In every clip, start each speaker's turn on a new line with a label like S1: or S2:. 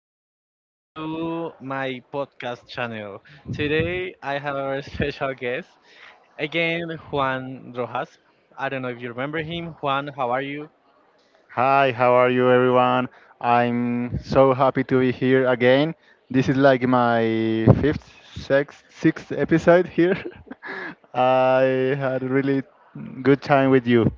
S1: and welcome to my podcast channel. Today I have a special guest, again Juan Rojas. I don't know if you remember him. Juan, how are you?
S2: Hi, how are you, everyone? I'm so happy to be here again. This is like my fifth, sixth episode here. I had a really good time with you.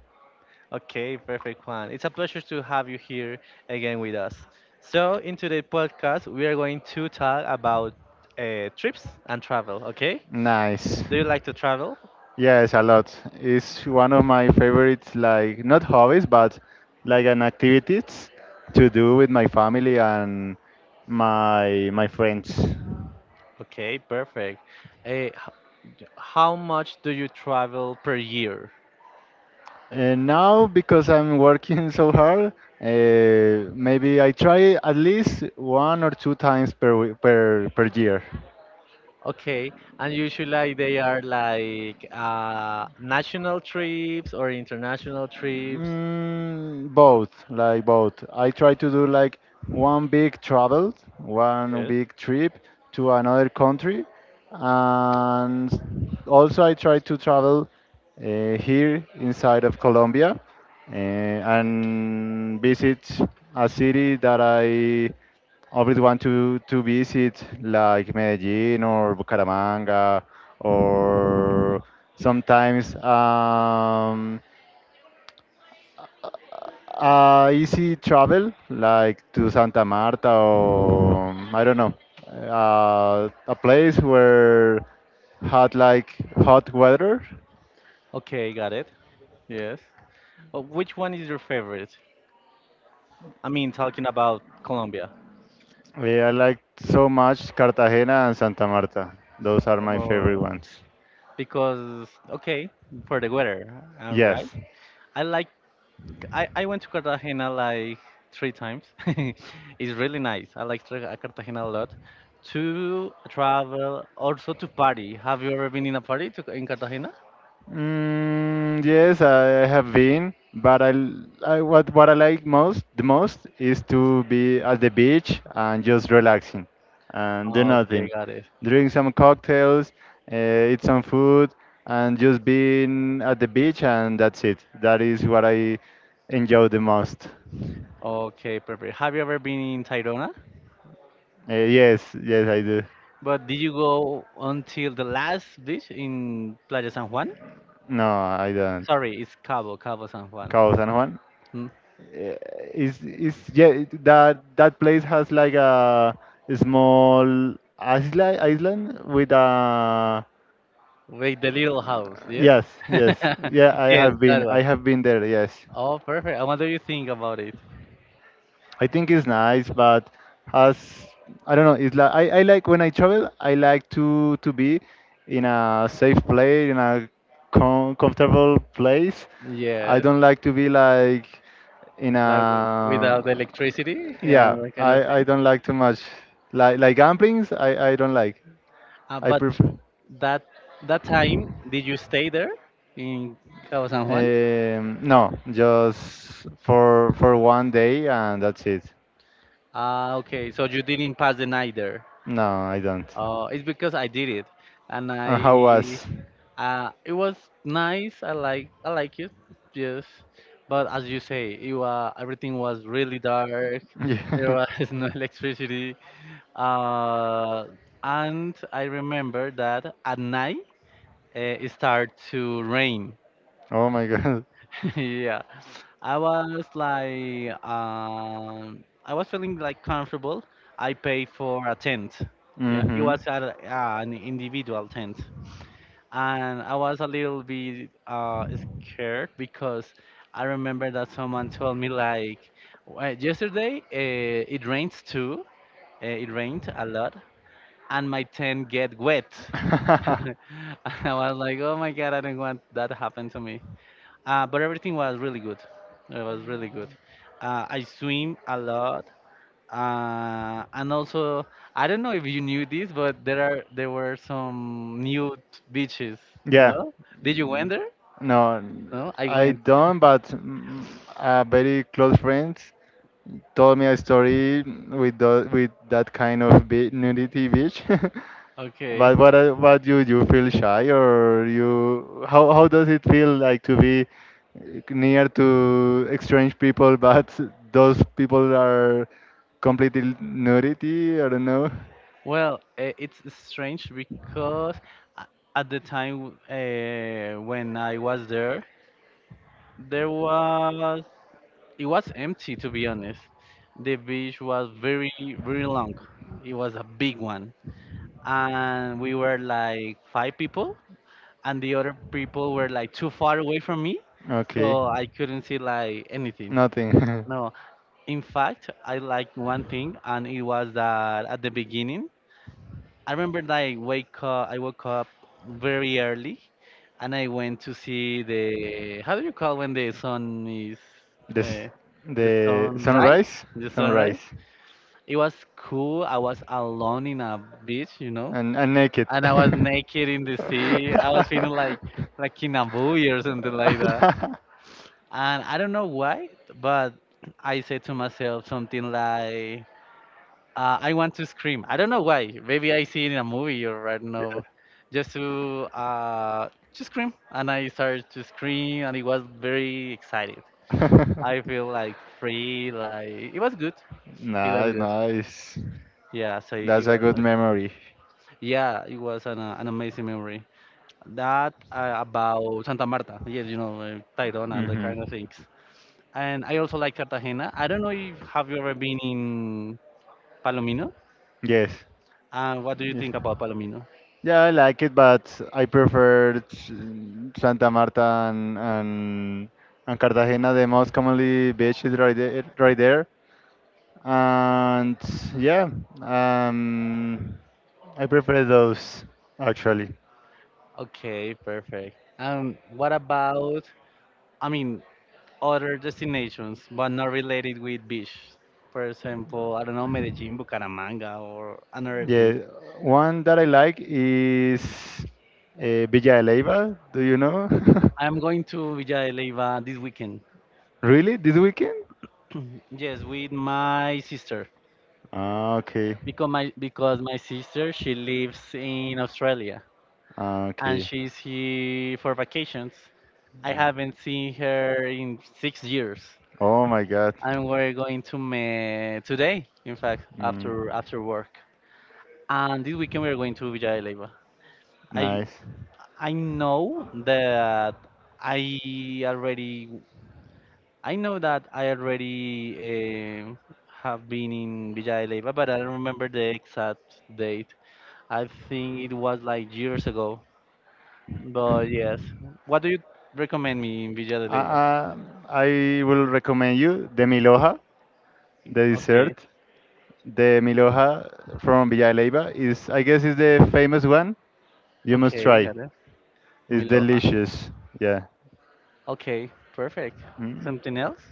S1: Okay, perfect, Juan. It's a pleasure to have you here again with us. So, in today's podcast, we are going to talk about trips and travel, okay?
S2: Nice.
S1: Do you like to travel?
S2: Yes, a lot. It's one of my favorites, like not hobbies, but like an activities to do with my family and my friends.
S1: Okay, perfect. Uh, h- how much do you travel per year?
S2: And now, because I'm working so hard, maybe I try at least one or two times per wee- per per year.
S1: Okay, and usually like, they are like national trips or international trips.
S2: Both, like both. I try to do like one big travel, one
S1: Yes.
S2: big trip to another country, and also I try to travel here inside of Colombia, and visit a city that I always want to visit, like Medellin or Bucaramanga or sometimes. Easy travel, like to Santa Marta, or I don't know, a place where hot, like hot weather.
S1: Okay, got it. Yes. Which one is your favorite? I mean, talking about Colombia.
S2: Yeah, I like so much Cartagena and Santa Marta. Those are my favorite
S1: Uh,
S2: ones.
S1: because okay, for the weather, all
S2: Yes.
S1: right. I like I went to Cartagena like three times. It's really nice. I like Cartagena a lot. To travel, also to party. Have you ever been in a party in Cartagena?
S2: Mm, yes, I have been, but I what I like most the most is to be at the beach and just relaxing and do
S1: Okay,
S2: nothing,
S1: got it.
S2: drink some cocktails, uh, eat some food, and just being at the beach and that's it. That is what I enjoy the most.
S1: Okay, perfect. Have you ever been in Tayrona?
S2: Yes, yes, I do.
S1: But did you go until the last beach in Playa San Juan?
S2: No, I don't.
S1: Sorry, it's Cabo San Juan.
S2: Cabo San Juan.
S1: Hmm?
S2: eh, Is, yeah, that place has like a small island with a.
S1: Wait, the little house, yes?
S2: Yes, yes, yeah, I
S1: Yes,
S2: have
S1: that
S2: been
S1: one.
S2: I have been there, yes.
S1: Oh, perfect. And what do you think about it?
S2: I think it's nice, but has, I don't know, it's like, I like when I travel, I like to be in a safe place, in a comfortable place. I
S1: Yes,
S2: don't like to be like in a.
S1: like without electricity, yeah,
S2: Yeah,
S1: that kind of
S2: I
S1: thing.
S2: don't like too much. Like gamblings, I don't like. I
S1: But
S2: prefer.
S1: that that time, did you stay there in Cabo San Juan?
S2: No, just for one day and that's it.
S1: Ah, okay. So you didn't pass the night there.
S2: No, I don't.
S1: It's because I did it, and
S2: And
S1: I
S2: how was?
S1: it was nice. I like it, yes. But as you say, it everything was really dark. There
S2: Yeah.
S1: was no electricity. Uh, and I remember that at night it started to rain.
S2: Oh my God.
S1: Yeah, I was feeling like comfortable. I paid for a tent. Yeah, it
S2: Hmm.
S1: was at an individual tent, and I was a little bit scared because I remember that someone told me like, Yesterday it rains too. It rained a lot, and my tent get wet." And I was like, oh my god, I don't want that to happen to me. But everything was really good. It was really good. I swim a lot. And also, I don't know if you knew this, but there were some nude beaches.
S2: Yeah,
S1: No? Did you went there?
S2: no,
S1: No, I
S2: I
S1: went.
S2: don't, but a very close friend told me a story with that kind of nudity beach.
S1: Okay.
S2: But what you feel shy, or you how does it feel like to be near to strange people, but those people are completely nudity? I don't know.
S1: Well, it's strange because a- at the time when I was there, there was it was empty, to be honest. The beach was very very long. It was a big one, and we were like five people, and the other people were like too far away from me,
S2: Okay.
S1: so I couldn't see like anything.
S2: Nothing.
S1: No, in fact I liked one thing, and it was that at the beginning, I remember, like, wake up I woke up very early, and I went to see the, how do you call when the sun is,
S2: This
S1: uh, the
S2: the
S1: sunrise
S2: sunrise,
S1: the
S2: sunrise,
S1: sunrise It was cool. I was alone in a beach.
S2: and naked.
S1: And I was naked in the sea. I was feeling like in a buoy or something like that. And I don't know why, but I said to myself something like, "I want to scream." I don't know why. Maybe I see it in a movie, or I don't
S2: Yeah.
S1: know, just to scream. And I started to scream, and it was very excited. I feel like free. Like it was good. It was
S2: Nice,
S1: good.
S2: nice.
S1: Yeah. So it
S2: That's a
S1: was.
S2: good
S1: not-
S2: memory.
S1: Yeah, it was an amazing memory. That About Santa Marta. Yes, Tayrona and that
S2: Hmm.
S1: kind of things. And I also like Cartagena. I don't know if have you ever been in Palomino?
S2: Yes.
S1: And what do you
S2: Yes.
S1: think about Palomino?
S2: Yeah, I like it, but I prefer Santa Marta and, and and Cartagena, the most commonly beaches right there, right there. And yeah, um, I prefer those actually.
S1: Okay, perfect. And what about, I mean, other destinations, but not related with beach? For example, I don't know, Medellin, Bucaramanga, or another
S2: Yeah,
S1: thing.
S2: one that I like is, Villa de Leyva. Do you know?
S1: I'm going to Villa de Leyva this weekend.
S2: Really, this weekend?
S1: Yes, with my sister.
S2: Ah, okay.
S1: Because my sister she lives in Australia,
S2: Ah,
S1: and
S2: okay.
S1: she's here for vacations. I haven't seen her in 6 years,
S2: Oh my God.
S1: and we're going to meet today. In fact,
S2: Mm,
S1: after work, and this weekend we're going to Villa de Leyva. I
S2: nice.
S1: I know that I already I know that I already have been in Villa de Leyva, but I don't remember the exact date. I think it was like years ago. But yes, what do you recommend me in Villa de
S2: Uh,
S1: Leyva?
S2: uh, I will recommend you the Miloja, the
S1: Okay,
S2: dessert. The Miloja from Villalba is, I guess, is the famous one. You must
S1: okay,
S2: try.
S1: got it.
S2: It's
S1: Miloja.
S2: delicious. Yeah.
S1: Okay, perfect.
S2: Mm.
S1: Something else?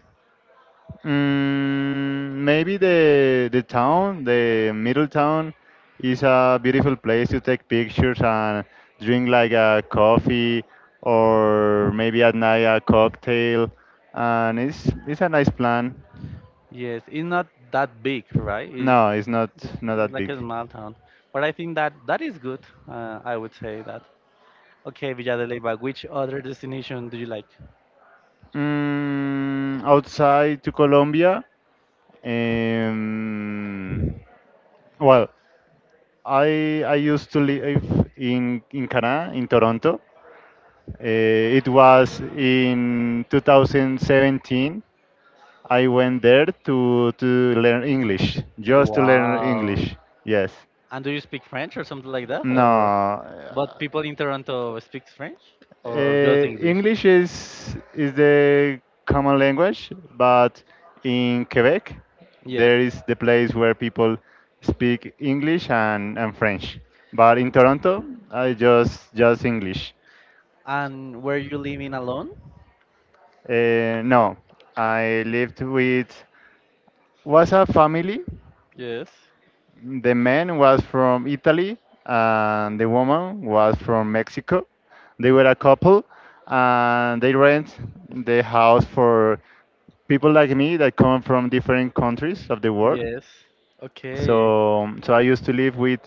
S2: Maybe the town, the middle town, is a beautiful place to take pictures and drink like a coffee, or maybe at night a cocktail, and it's a nice plan.
S1: Yes, it's not that big, right? It's,
S2: No, it's not
S1: it's,
S2: not
S1: it's
S2: that
S1: like
S2: big.
S1: a small town. But I think that that is good. I would say that. Okay, Villa de Leyva, which other destination do you like?
S2: Outside to Colombia, um, well, I used to live in Canada, in Toronto. It was in 2017. I went there to learn English, just to learn
S1: Wow.
S2: English. Yes.
S1: And do you speak French or something like that? Or
S2: No,
S1: but people in Toronto speak French or just English?
S2: English is the common language, but in Quebec
S1: Yes.
S2: there is the place where people speak English and French. But in Toronto, I just English.
S1: And were you living alone?
S2: No, I lived with, was a family.
S1: Yes.
S2: The man was from Italy and the woman was from Mexico. They were a couple and they rent the house for people like me that come from different countries of the world.
S1: Yes. Okay.
S2: So I used to live with,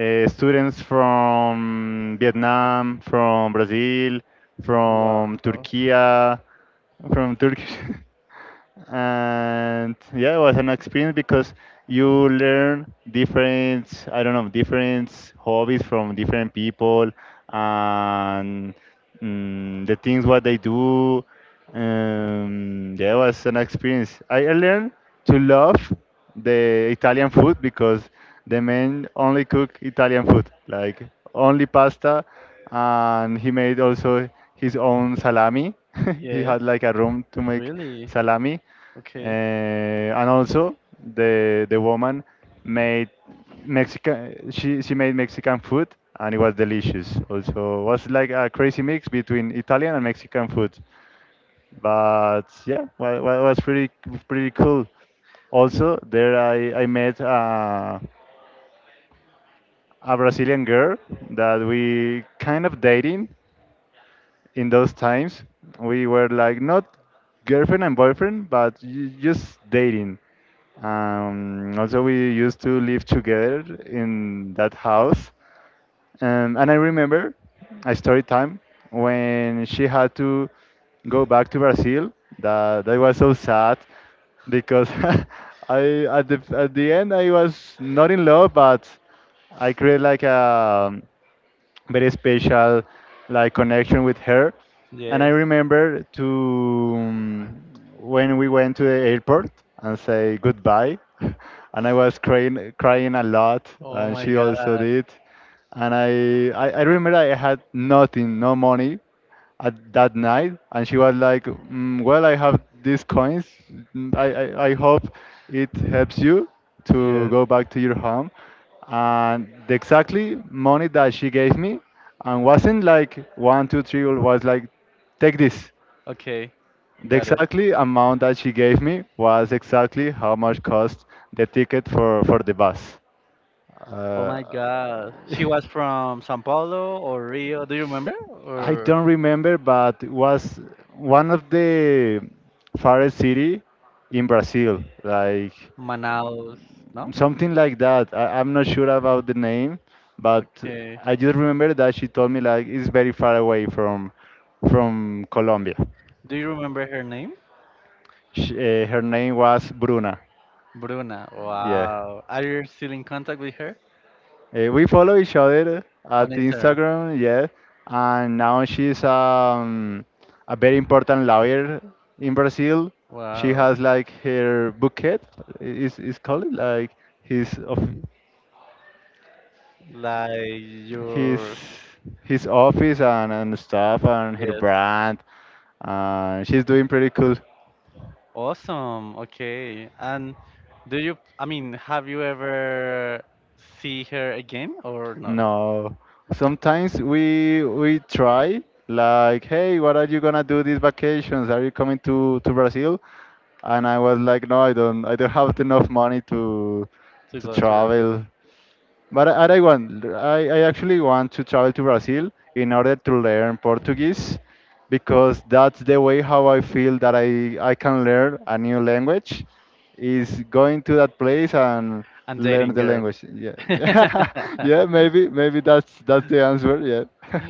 S2: students from Vietnam, from Brazil, from
S1: Wow.
S2: Turkey, from Turkish. And yeah, it was an experience because you learn different, I don't know, different hobbies from different people, and the things what they do. Yeah, it was an experience. I learned to love the Italian food, because the man only cook Italian food, like only pasta, and he made also his own salami. He
S1: Yes.
S2: had like a room to make
S1: Really?
S2: salami, uh,
S1: Okay.
S2: and also the woman made Mexican she made Mexican food, and it was delicious. Also was like a crazy mix between Italian and Mexican food. But yeah, well, it was pretty cool. Also there I met, a Brazilian girl that we kind of dating. In those times we were like not girlfriend and boyfriend, but just dating. Also we used to live together in that house. And I remember a story time when she had to go back to Brazil. That was so sad, because I at the end, I was not in love, but I created like a very special, like, connection with her. And I
S1: Yes.
S2: remember to when we went to the airport and say goodbye, and I was crying a lot,
S1: Oh
S2: and
S1: my
S2: she also
S1: God.
S2: did. And I remember I had nothing, no money at that night, and she was like, "Well, I have these coins. I hope it helps you
S1: Yeah.
S2: to go back to your home." And the exactly money that she gave me, and wasn't like one, two, three, or was like, "Take this."
S1: Okay.
S2: The
S1: Got it.
S2: exactly amount that she gave me was exactly how much cost the ticket for the bus.
S1: Oh
S2: Uh,
S1: my God. She was from Sao Paulo or Rio. Do you remember?
S2: I
S1: Or
S2: don't remember, but it was one of the farthest city in Brazil, like
S1: Manaus? No?
S2: something like that. I'm not sure about the name, but
S1: Okay.
S2: I just remember that she told me like it's very far away from Colombia.
S1: Do you remember her name?
S2: Her name was Bruna.
S1: Bruna.
S2: Yeah.
S1: Wow. Are you still in contact with her
S2: We follow each other
S1: on
S2: at
S1: Instagram?
S2: Instagram, yes, and now she's, a very important lawyer in Brazil. She
S1: Wow.
S2: has like her bucket, is called like his of
S1: Like
S2: his
S1: your
S2: his office and stuff, and her
S1: Yes.
S2: brand. And she's doing pretty cool.
S1: Awesome. Okay. And do you, I mean, have you ever see her again or no?
S2: No, sometimes we try like, hey, what are you gonna do these vacations? Are you coming to Brazil? And I was like, no, I don't have enough money to
S1: To
S2: to
S1: go to Brazil
S2: travel. But I actually want to travel to Brazil in order to learn Portuguese, because that's the way how I feel that I can learn a new language is going to that place and
S1: and
S2: learn
S1: dating
S2: the
S1: girls.
S2: language. Yeah. Yeah, maybe that's the answer. Yeah.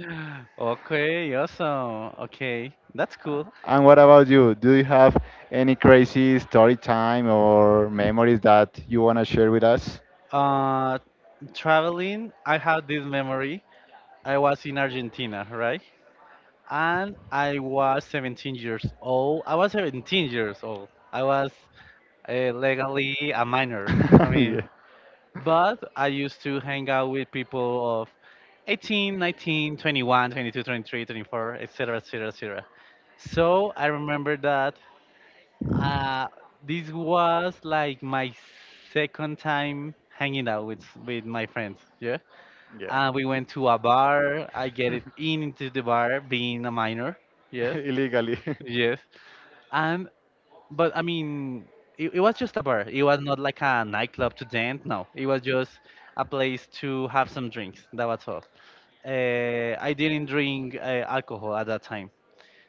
S1: Okay, awesome. Okay, that's cool.
S2: And what about you? Do you have any crazy story time or memories that you want to share with us?
S1: Uh, Traveling, I have this memory. I was in Argentina, right? And I was 17 years old. I was 17 years old. I was legally a minor. I mean,
S2: Yeah,
S1: but I used to hang out with people of 18, 19, 21, 22, 23, 24, 19, 21, 22, 23, 24, etc., etc., etc. So I remember that uh, this was like my second time hanging out with my friends. Yeah,
S2: yeah.
S1: we went to a bar. I get it in into the bar, being a minor. Yes,
S2: Illegally.
S1: yes. And but I mean, it was just a bar. It was not like a nightclub to dance. No, it was just a place to have some drinks. That was all. I didn't drink alcohol at that time.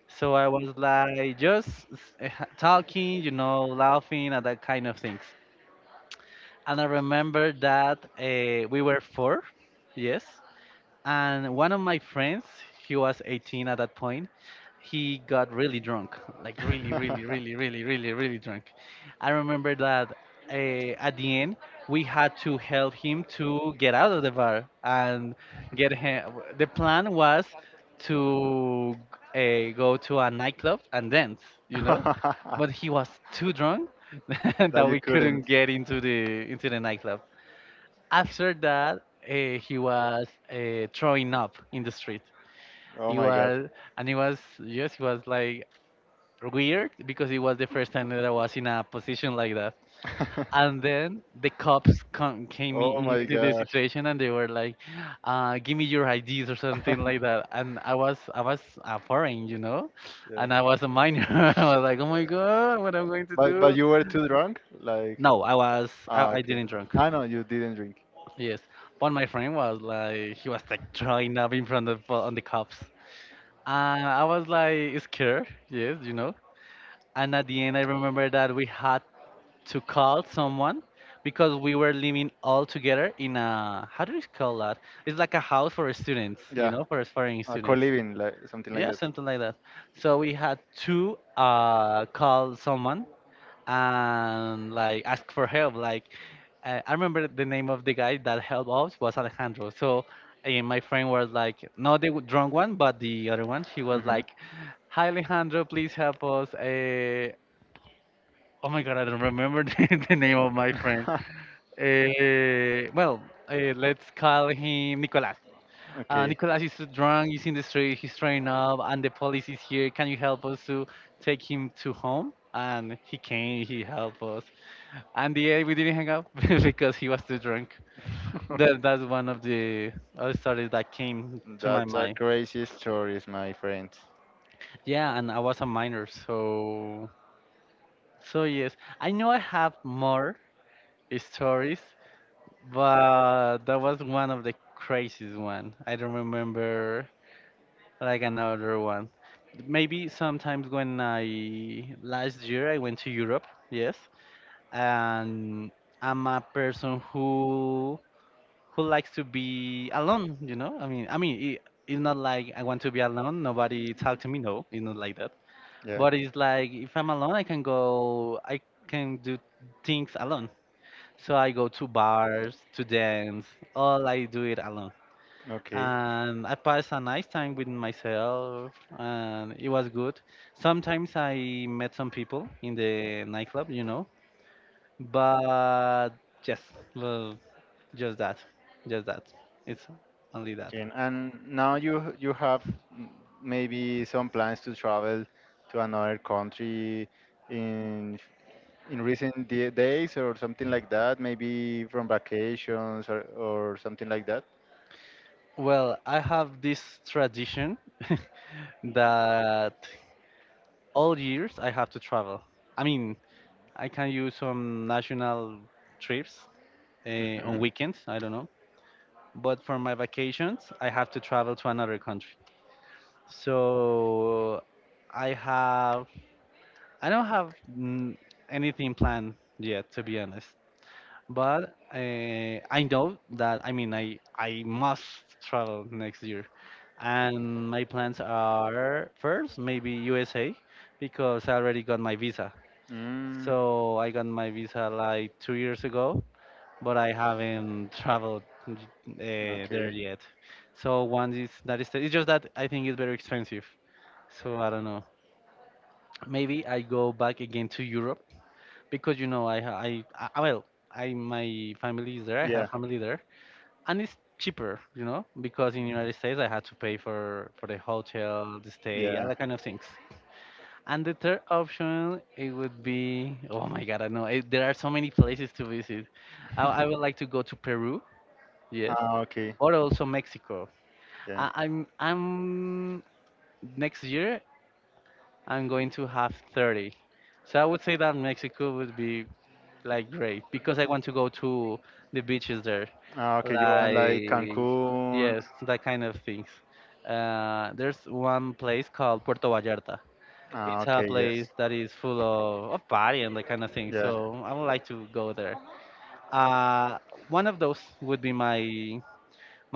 S1: So I was like just talking, laughing at that kind of things. And I remember that we were four, yes, and one of my friends, he was 18 at that point. He got really drunk, like really really really really really really drunk. I remember that at the end, we had to help him to get out of the bar and get him the plan was to go to a nightclub and dance, you know but he was too drunk
S2: That
S1: that
S2: you
S1: we couldn't
S2: couldn't.
S1: get into the nightclub. After that, he was throwing up in the street.
S2: Oh
S1: It
S2: my god.
S1: was and it was Yes, it was like weird because it was the first time that I was in a position like that. And then the cops came
S2: Oh
S1: in
S2: my
S1: into the
S2: gosh.
S1: situation, and they were like, "Give me your IDs or something like that," and I was a foreign.
S2: Yeah.
S1: And I was a minor. I was like, oh my god, what am I going to
S2: But
S1: do?
S2: you were too drunk? Like,
S1: No, i was i, I
S2: okay.
S1: didn't drunk.
S2: I know you didn't drink.
S1: Yes, but my friend was like, he was like throwing up in front of on the cops, and I was like scared. Yes. And at the end, I remember that we had to call someone because we were living all together in a, how do you call that? It's like a house for students, you
S2: Yeah.
S1: know, for foreign
S2: A
S1: students.
S2: co-living, like something like
S1: Yeah,
S2: that.
S1: something like that. So we had to call someone and like ask for help. Like, I remember the name of the guy that helped us was Alejandro. So my friend was like not the drunk one, but the other one. She was
S2: Mhm.
S1: like, "Hi Alejandro, please help us." Oh my god, I don't remember the name of my friend. Well, let's call him Nicolas. Nicolas is drunk, he's in the street, he's throwing up, and the police is here. Can you help us to take him to home? And he came, he helped us. And yeah, we didn't hang out because he was too drunk.
S2: Okay.
S1: That's one of the other stories that came to my
S2: That's a
S1: mind.
S2: crazy stories, my friend.
S1: Yeah, and I was a minor, so yes, I know I have more stories, but that was one of the craziest one. I don't remember like another one. Maybe sometimes when I last year I went to Europe, yes, and I'm a person who likes to be alone, you know? I mean, it's not like I want to be alone, nobody talk to me, no, it's not like that.
S2: Yeah.
S1: But it's like if I'm alone, I can do things alone. So I go to bars, to dance, all I do it alone.
S2: Okay.
S1: And I pass a nice time with myself, and it was good. Sometimes I met some people in the nightclub, you know, but just, well, just that, just that. It's only that.
S2: And now you have, mm, maybe some plans to travel to another country, in in recent days or something like that, maybe from vacations, or something like that.
S1: Well, I have this tradition that all years I have to travel. I mean, I can use some national trips uh, on
S2: Hmm.
S1: weekends, I don't know. But for my vacations, I have to travel to another country. So I have, I don't have anything planned yet, to be honest. But I know that, I mean I must travel next year, and my plans are first maybe USA because I already got my visa.
S2: Mm,
S1: So I got my visa like two years ago, but I haven't traveled there
S2: okay.
S1: yet. So one is that is it's just that I think it's very expensive. So I don't know. Maybe I go back again to Europe because you know I ha- I well I my family is there. I have
S2: Yeah.
S1: family there, and it's cheaper, you know, because in United States I had to pay for the hotel, the stay, all
S2: Yeah.
S1: that kind of things. And the third option it would be, oh my god, I know, there are so many places to visit. I would like to go to Peru, yes,
S2: Ah, okay.
S1: but also Mexico.
S2: Yeah.
S1: I'm next year I'm going to have 30. So I would say that Mexico would be like great because I want to go to the beaches there.
S2: Ah, okay. You want like
S1: Like
S2: Cancun?
S1: yes, that kind of things. There's one place called Puerto Vallarta.
S2: Ah,
S1: It's a
S2: okay.
S1: place
S2: Yes.
S1: that is full of party and that kind of thing.
S2: Yeah.
S1: So I would like to go there. Uh, One of those would be my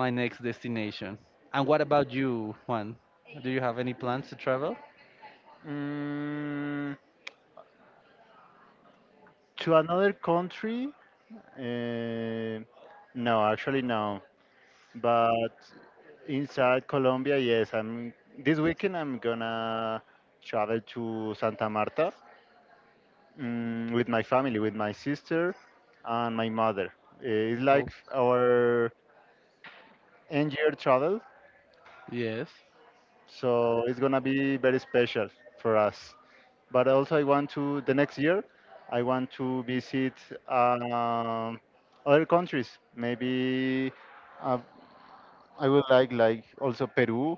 S1: my next destination. And what about you, Juan? Do you have any plans to travel?
S2: Mm, to another country? Uh, no, actually no. But inside Colombia, yes. I'm this weekend. I'm gonna travel to Santa Marta, with my family, with my sister and my mother. It's like
S1: Oh,
S2: our end-year travel,
S1: yes.
S2: so it's gonna be very special for us. But also, I want to the next year. I want to visit, um, other countries. Maybe, uh, I would like also Peru.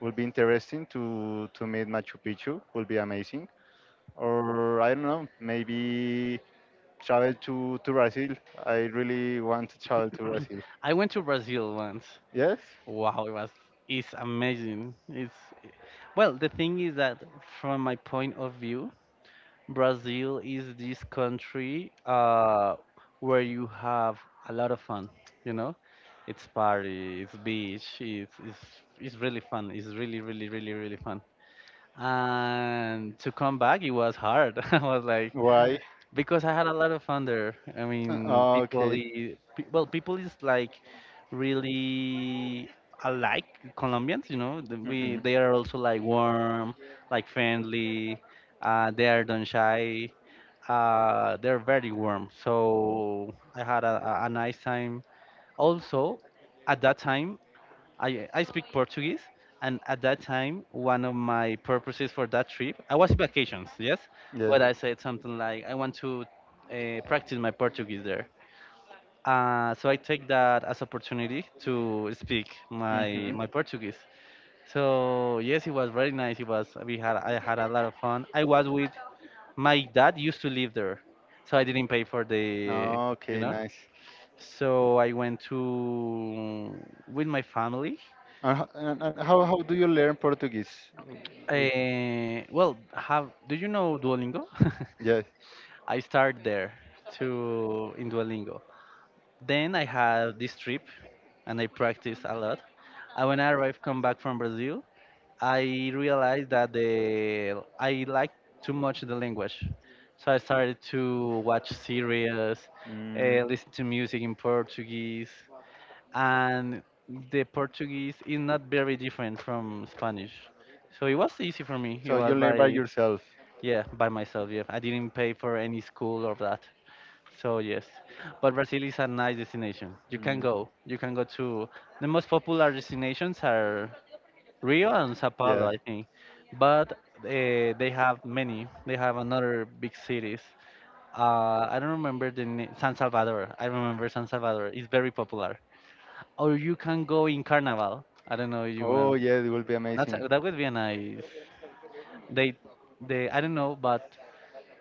S2: Will be interesting to meet Machu Picchu. Will be amazing. Or I don't know, maybe travel to Brazil. I really want to travel to Brazil.
S1: I went to Brazil once.
S2: Yes?
S1: Wow, it was, it's amazing. It's, well, the thing is that from my point of view, Brazil is this country where you have a lot of fun. You know, it's party, it's beach, it's really fun. It's really really really really fun. And to come back, it was hard. I was like,
S2: Why?
S1: because I had a lot of fun there. I mean, people,
S2: Okay.
S1: I- pe- well, people is like really alike Colombians, you know. The- We
S2: Hmm.
S1: They are also like warm, like friendly. They are don't shy. They're very warm. So I had a nice time. Also, at that time, I speak Portuguese, and at that time, one of my purposes for that trip, I was in vacations, yes,
S2: Yes.
S1: but I said something like, I want to practice my Portuguese there. So I take that as opportunity to speak my
S2: Hmm.
S1: my Portuguese. So yes, it was very nice. It was, we had I had a lot of fun. I was with, my dad used to live there, so I didn't pay for the, you
S2: Okay,
S1: know.
S2: nice.
S1: So I went to with my family.
S2: And how do you learn Portuguese? With,
S1: Well, have, do you know Duolingo?
S2: yes.
S1: I started there to in Duolingo. Then I had this trip and I practiced a lot. And when I arrived, come back from Brazil, I realized that, the I liked too much the language, so I started to watch series,
S2: Mm,
S1: listen to music in Portuguese, and the Portuguese is not very different from Spanish. So it was easy for me.
S2: so
S1: It
S2: you
S1: was
S2: learn by
S1: like,
S2: yourself.
S1: yeah, by myself. Yeah, I didn't pay for any school or that. So yes, but Brazil is a nice destination. You can
S2: Mm,
S1: go. You can go to, the most popular destinations are Rio and Sao
S2: yeah.
S1: Paulo, I think. But they have many. They have another big cities. I don't remember the name. San Salvador. I remember San Salvador. It's very popular. Or you can go in Carnival. I don't know, if you
S2: Oh,
S1: want.
S2: yeah, it will be
S1: That's,
S2: amazing.
S1: that would be a nice. They, they. I don't know, but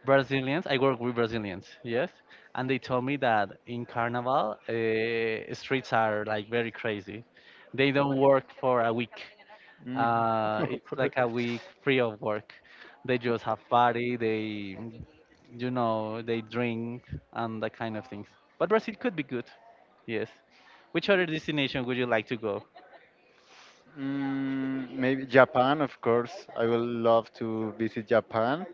S1: Brazilians. I work with Brazilians, yes, and they told me that in Carnival, streets are like very crazy. They don't work for a week.
S2: Mm.
S1: It's like a week free of work. They just have party. They, you know, they drink and that kind of things. But Brazil could be good, yes. Which other destination would you like to go?
S2: Maybe Japan, of course. I will love to visit Japan,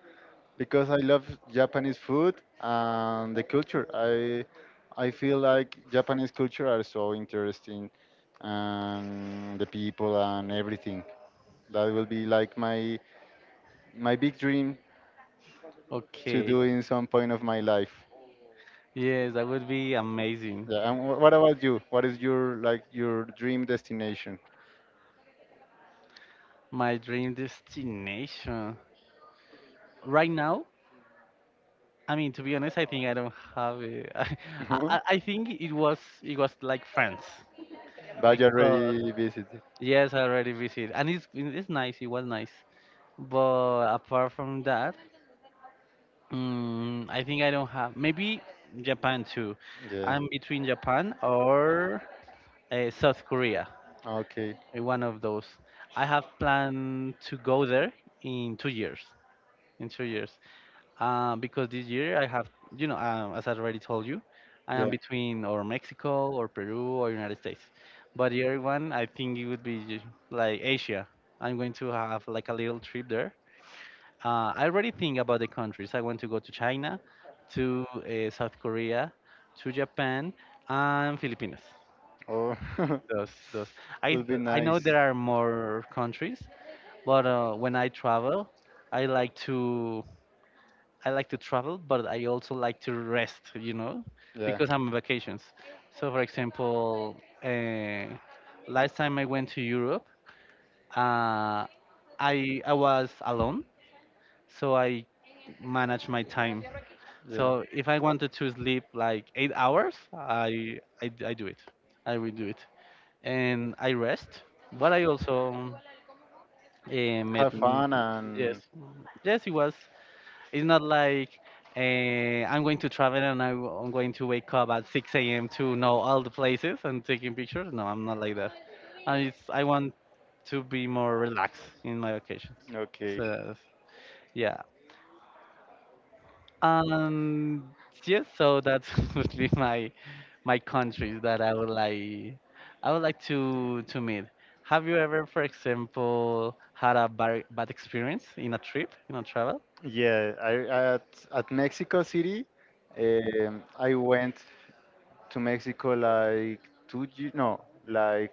S2: because I love Japanese food and the culture. I feel like Japanese culture are so interesting, and the people and everything. That will be like my big dream to
S1: Okay,
S2: do in some point of my life.
S1: yes, that would be amazing.
S2: Yeah, and what about you? What is your, like, your dream destination?
S1: My dream destination right now, I mean, to be honest, I think I don't have it.
S2: That
S1: I think it was, it was like France
S2: you
S1: because,
S2: already visited?
S1: yes, I already visited, and it's nice. It was nice, but apart from that, I think I don't have. Maybe Japan too.
S2: Yeah.
S1: I'm between Japan or South Korea.
S2: Okay.
S1: One of those. I have planned to go there in two years. In two years, because this year I have, you know, as I already told you, I am
S2: Yeah.
S1: between or Mexico or Peru or United States. But the other one, I think it would be like Asia. I'm going to have like a little trip there. I already think about the countries. I want to go to China, to South Korea, to Japan, and Philippines.
S2: Oh.
S1: Those, those. I
S2: Would be
S1: I know
S2: nice.
S1: there are more countries, but when I travel, I like to I like to travel, but I also like to rest, you know,
S2: Yeah.
S1: because I'm on vacations. So, for example, uh, last time I went to Europe, uh, I was alone, so I managed my time.
S2: Yeah.
S1: So if I wanted to sleep like eight hours, I do it. I will do it, and I rest. But I also met.
S2: Have fun
S1: Yes,
S2: and
S1: yes, it was. It's not like I'm going to travel and I'm going to wake up at 6 a.m. to know all the places and taking pictures. No, I'm not like that. I want to be more relaxed in my vacations.
S2: okay.
S1: So that's- yeah, um, yes. So that's would be my countries that I would like to meet. Have you ever, for example, had a bad experience in a trip, in a travel?
S2: Yeah, I at Mexico City, I went to Mexico like no, like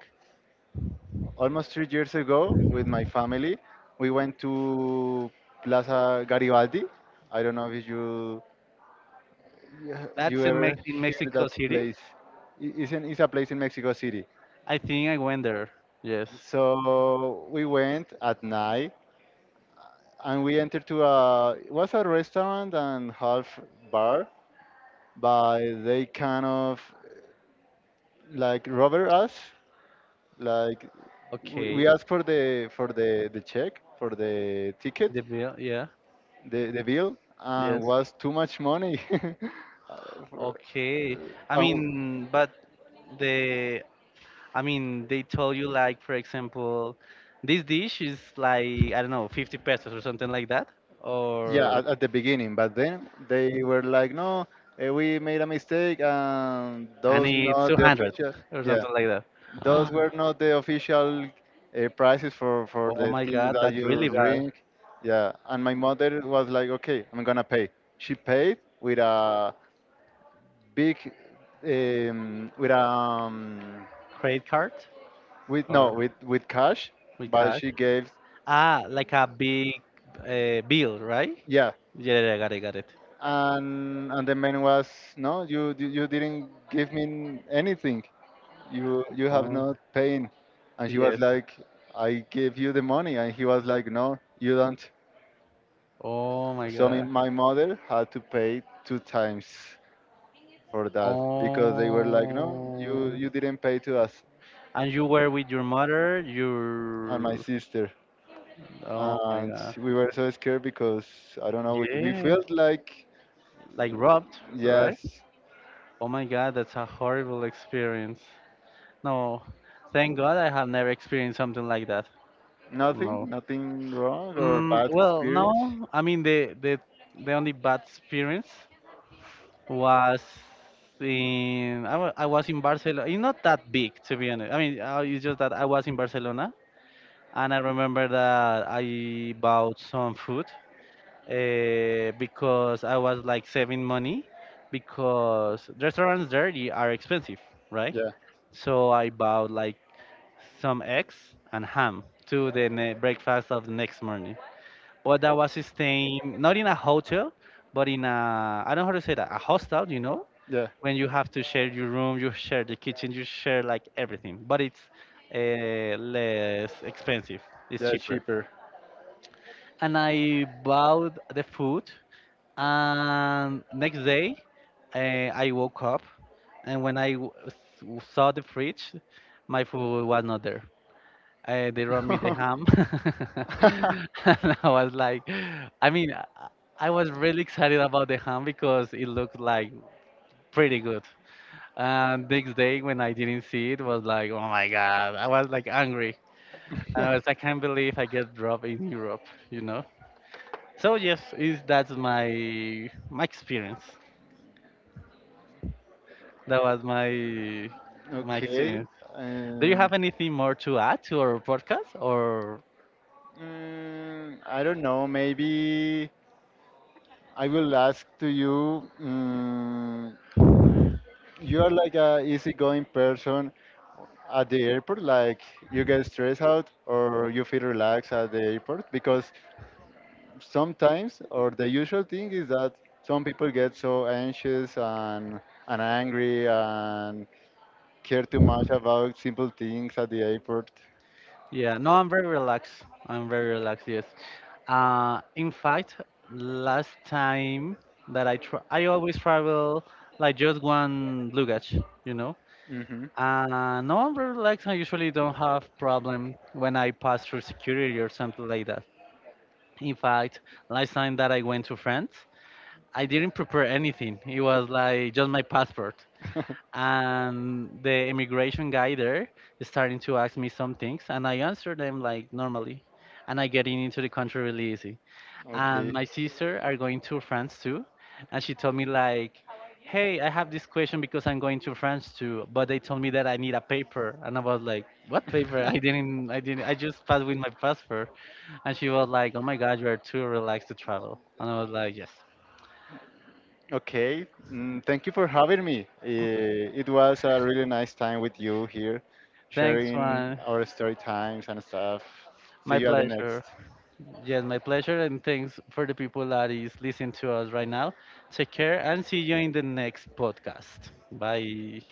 S2: almost 3 years ago with my family. We went to Plaza Garibaldi. I don't know if you, you
S1: That's in,
S2: ever
S1: Mex- in
S2: hear that
S1: Mexico City.
S2: place. It's a place in Mexico City.
S1: I think I went there. Yes.
S2: So we went at night, and we entered to a, it was a restaurant and half bar, but they kind of like robber us. Like, we
S1: Okay.
S2: we asked for the check, for the ticket,
S1: The bill. Yeah.
S2: the bill, and
S1: Yes.
S2: was too much money. Uh, for-
S1: Okay. I
S2: uh,
S1: mean, but the, I mean, they told you like, for example, this dish is like I don't know, 50 pesos or something like that,
S2: yeah,
S1: or
S2: at the beginning, but then they were like, no, we made a mistake, and
S1: and
S2: those
S1: it's
S2: not the
S1: 200
S2: official.
S1: or
S2: Yeah,
S1: something like that.
S2: those
S1: Ah,
S2: were not the official, prices for
S1: oh
S2: the
S1: my
S2: things
S1: God,
S2: that
S1: that's
S2: you
S1: really bad.
S2: drink. Yeah, and my mother was like, okay, I'm gonna pay. She paid with a big, um, with um
S1: Credit card
S2: with no,
S1: or
S2: with cash.
S1: with
S2: But
S1: cash?
S2: she gave.
S1: Ah, like a big bill, right?
S2: Yeah,
S1: Yeah, yeah, got it, got it.
S2: and the man was, no, you didn't give me anything, you have
S1: Oh,
S2: not paying. And she was
S1: yes.
S2: like, I gave you the money. And he was like, no, you don't.
S1: Oh my
S2: So my
S1: god.
S2: my mother had to pay two times for that, because they were like, no, you
S1: Oh.
S2: you didn't pay to us.
S1: And you were with your mother,
S2: And my
S1: your,
S2: sister.
S1: oh my
S2: And
S1: god.
S2: we were so scared, because I don't know, we
S1: Yes.
S2: felt like,
S1: Like robbed, right?
S2: yes,
S1: Oh my god, that's a horrible experience. No. Thank God I have never experienced something like that.
S2: nothing,
S1: No.
S2: nothing wrong or
S1: Mm,
S2: bad
S1: well,
S2: experience.
S1: no. I mean the, the only bad experience was in, I was in Barcelona. It's not that big to be honest. I mean, it's just that I was in Barcelona and I remember that I bought some food because I was like saving money because restaurants there they are expensive, right?
S2: Yeah,
S1: So I bought like some eggs and ham to the breakfast of the next morning. But that was staying not in a hotel, but in a, I don't know how to say that, a hostel, you know,
S2: yeah,
S1: when you have to share your room, you share the kitchen, you share like everything, but it's less expensive. It's
S2: yeah,
S1: cheaper.
S2: cheaper.
S1: And I bought the food. And next day, uh, I woke up, and when I saw the fridge, my food was not there. They brought me the ham, and I was like, I mean, I was really excited about the ham because it looked like pretty good. And next day, when I didn't see it, was like, oh my god, I was like angry, and I was, like, I can't believe I get dropped in Europe, you know. So yes, is that's my experience. That was my my
S2: Okay.
S1: experience. Do you
S2: Um,
S1: have anything more to add to our podcast? Or,
S2: I don't know. Maybe I will ask to you. You are like a easygoing person at the airport. Like, you get stressed out, or you feel relaxed at the airport, because sometimes, or the usual thing is that some people get so anxious and angry and care too much about simple things at the airport.
S1: yeah, no, I'm very relaxed. I'm very relaxed. Yes. In fact, last time that I always travel like just one luggage, you know.
S2: Hmm.
S1: No, I'm very relaxed. I usually don't have problem when I pass through security or something like that. In fact, last time that I went to France. I didn't prepare anything. It was like just my passport. And the immigration guy there is starting to ask me some things, and I answer them like normally. And I getting into the country really easy. And
S2: Okay.
S1: my sister are going to France too, and she told me like, "Hey, I have this question because I'm going to France too, but they told me that I need a paper." And I was like, "What paper? I didn't, I didn't, I just passed with my passport." And she was like, "Oh my God, you are too relaxed to travel." And I was like, "Yes."
S2: Okay, thank you for having me. It was a really nice time with you here,
S1: Thanks,
S2: sharing
S1: Juan.
S2: our story times and stuff. See
S1: My
S2: you at the next.
S1: pleasure. Yes, my pleasure. And thanks for the people that is listening to us right now. Take care and see you in the next podcast. Bye.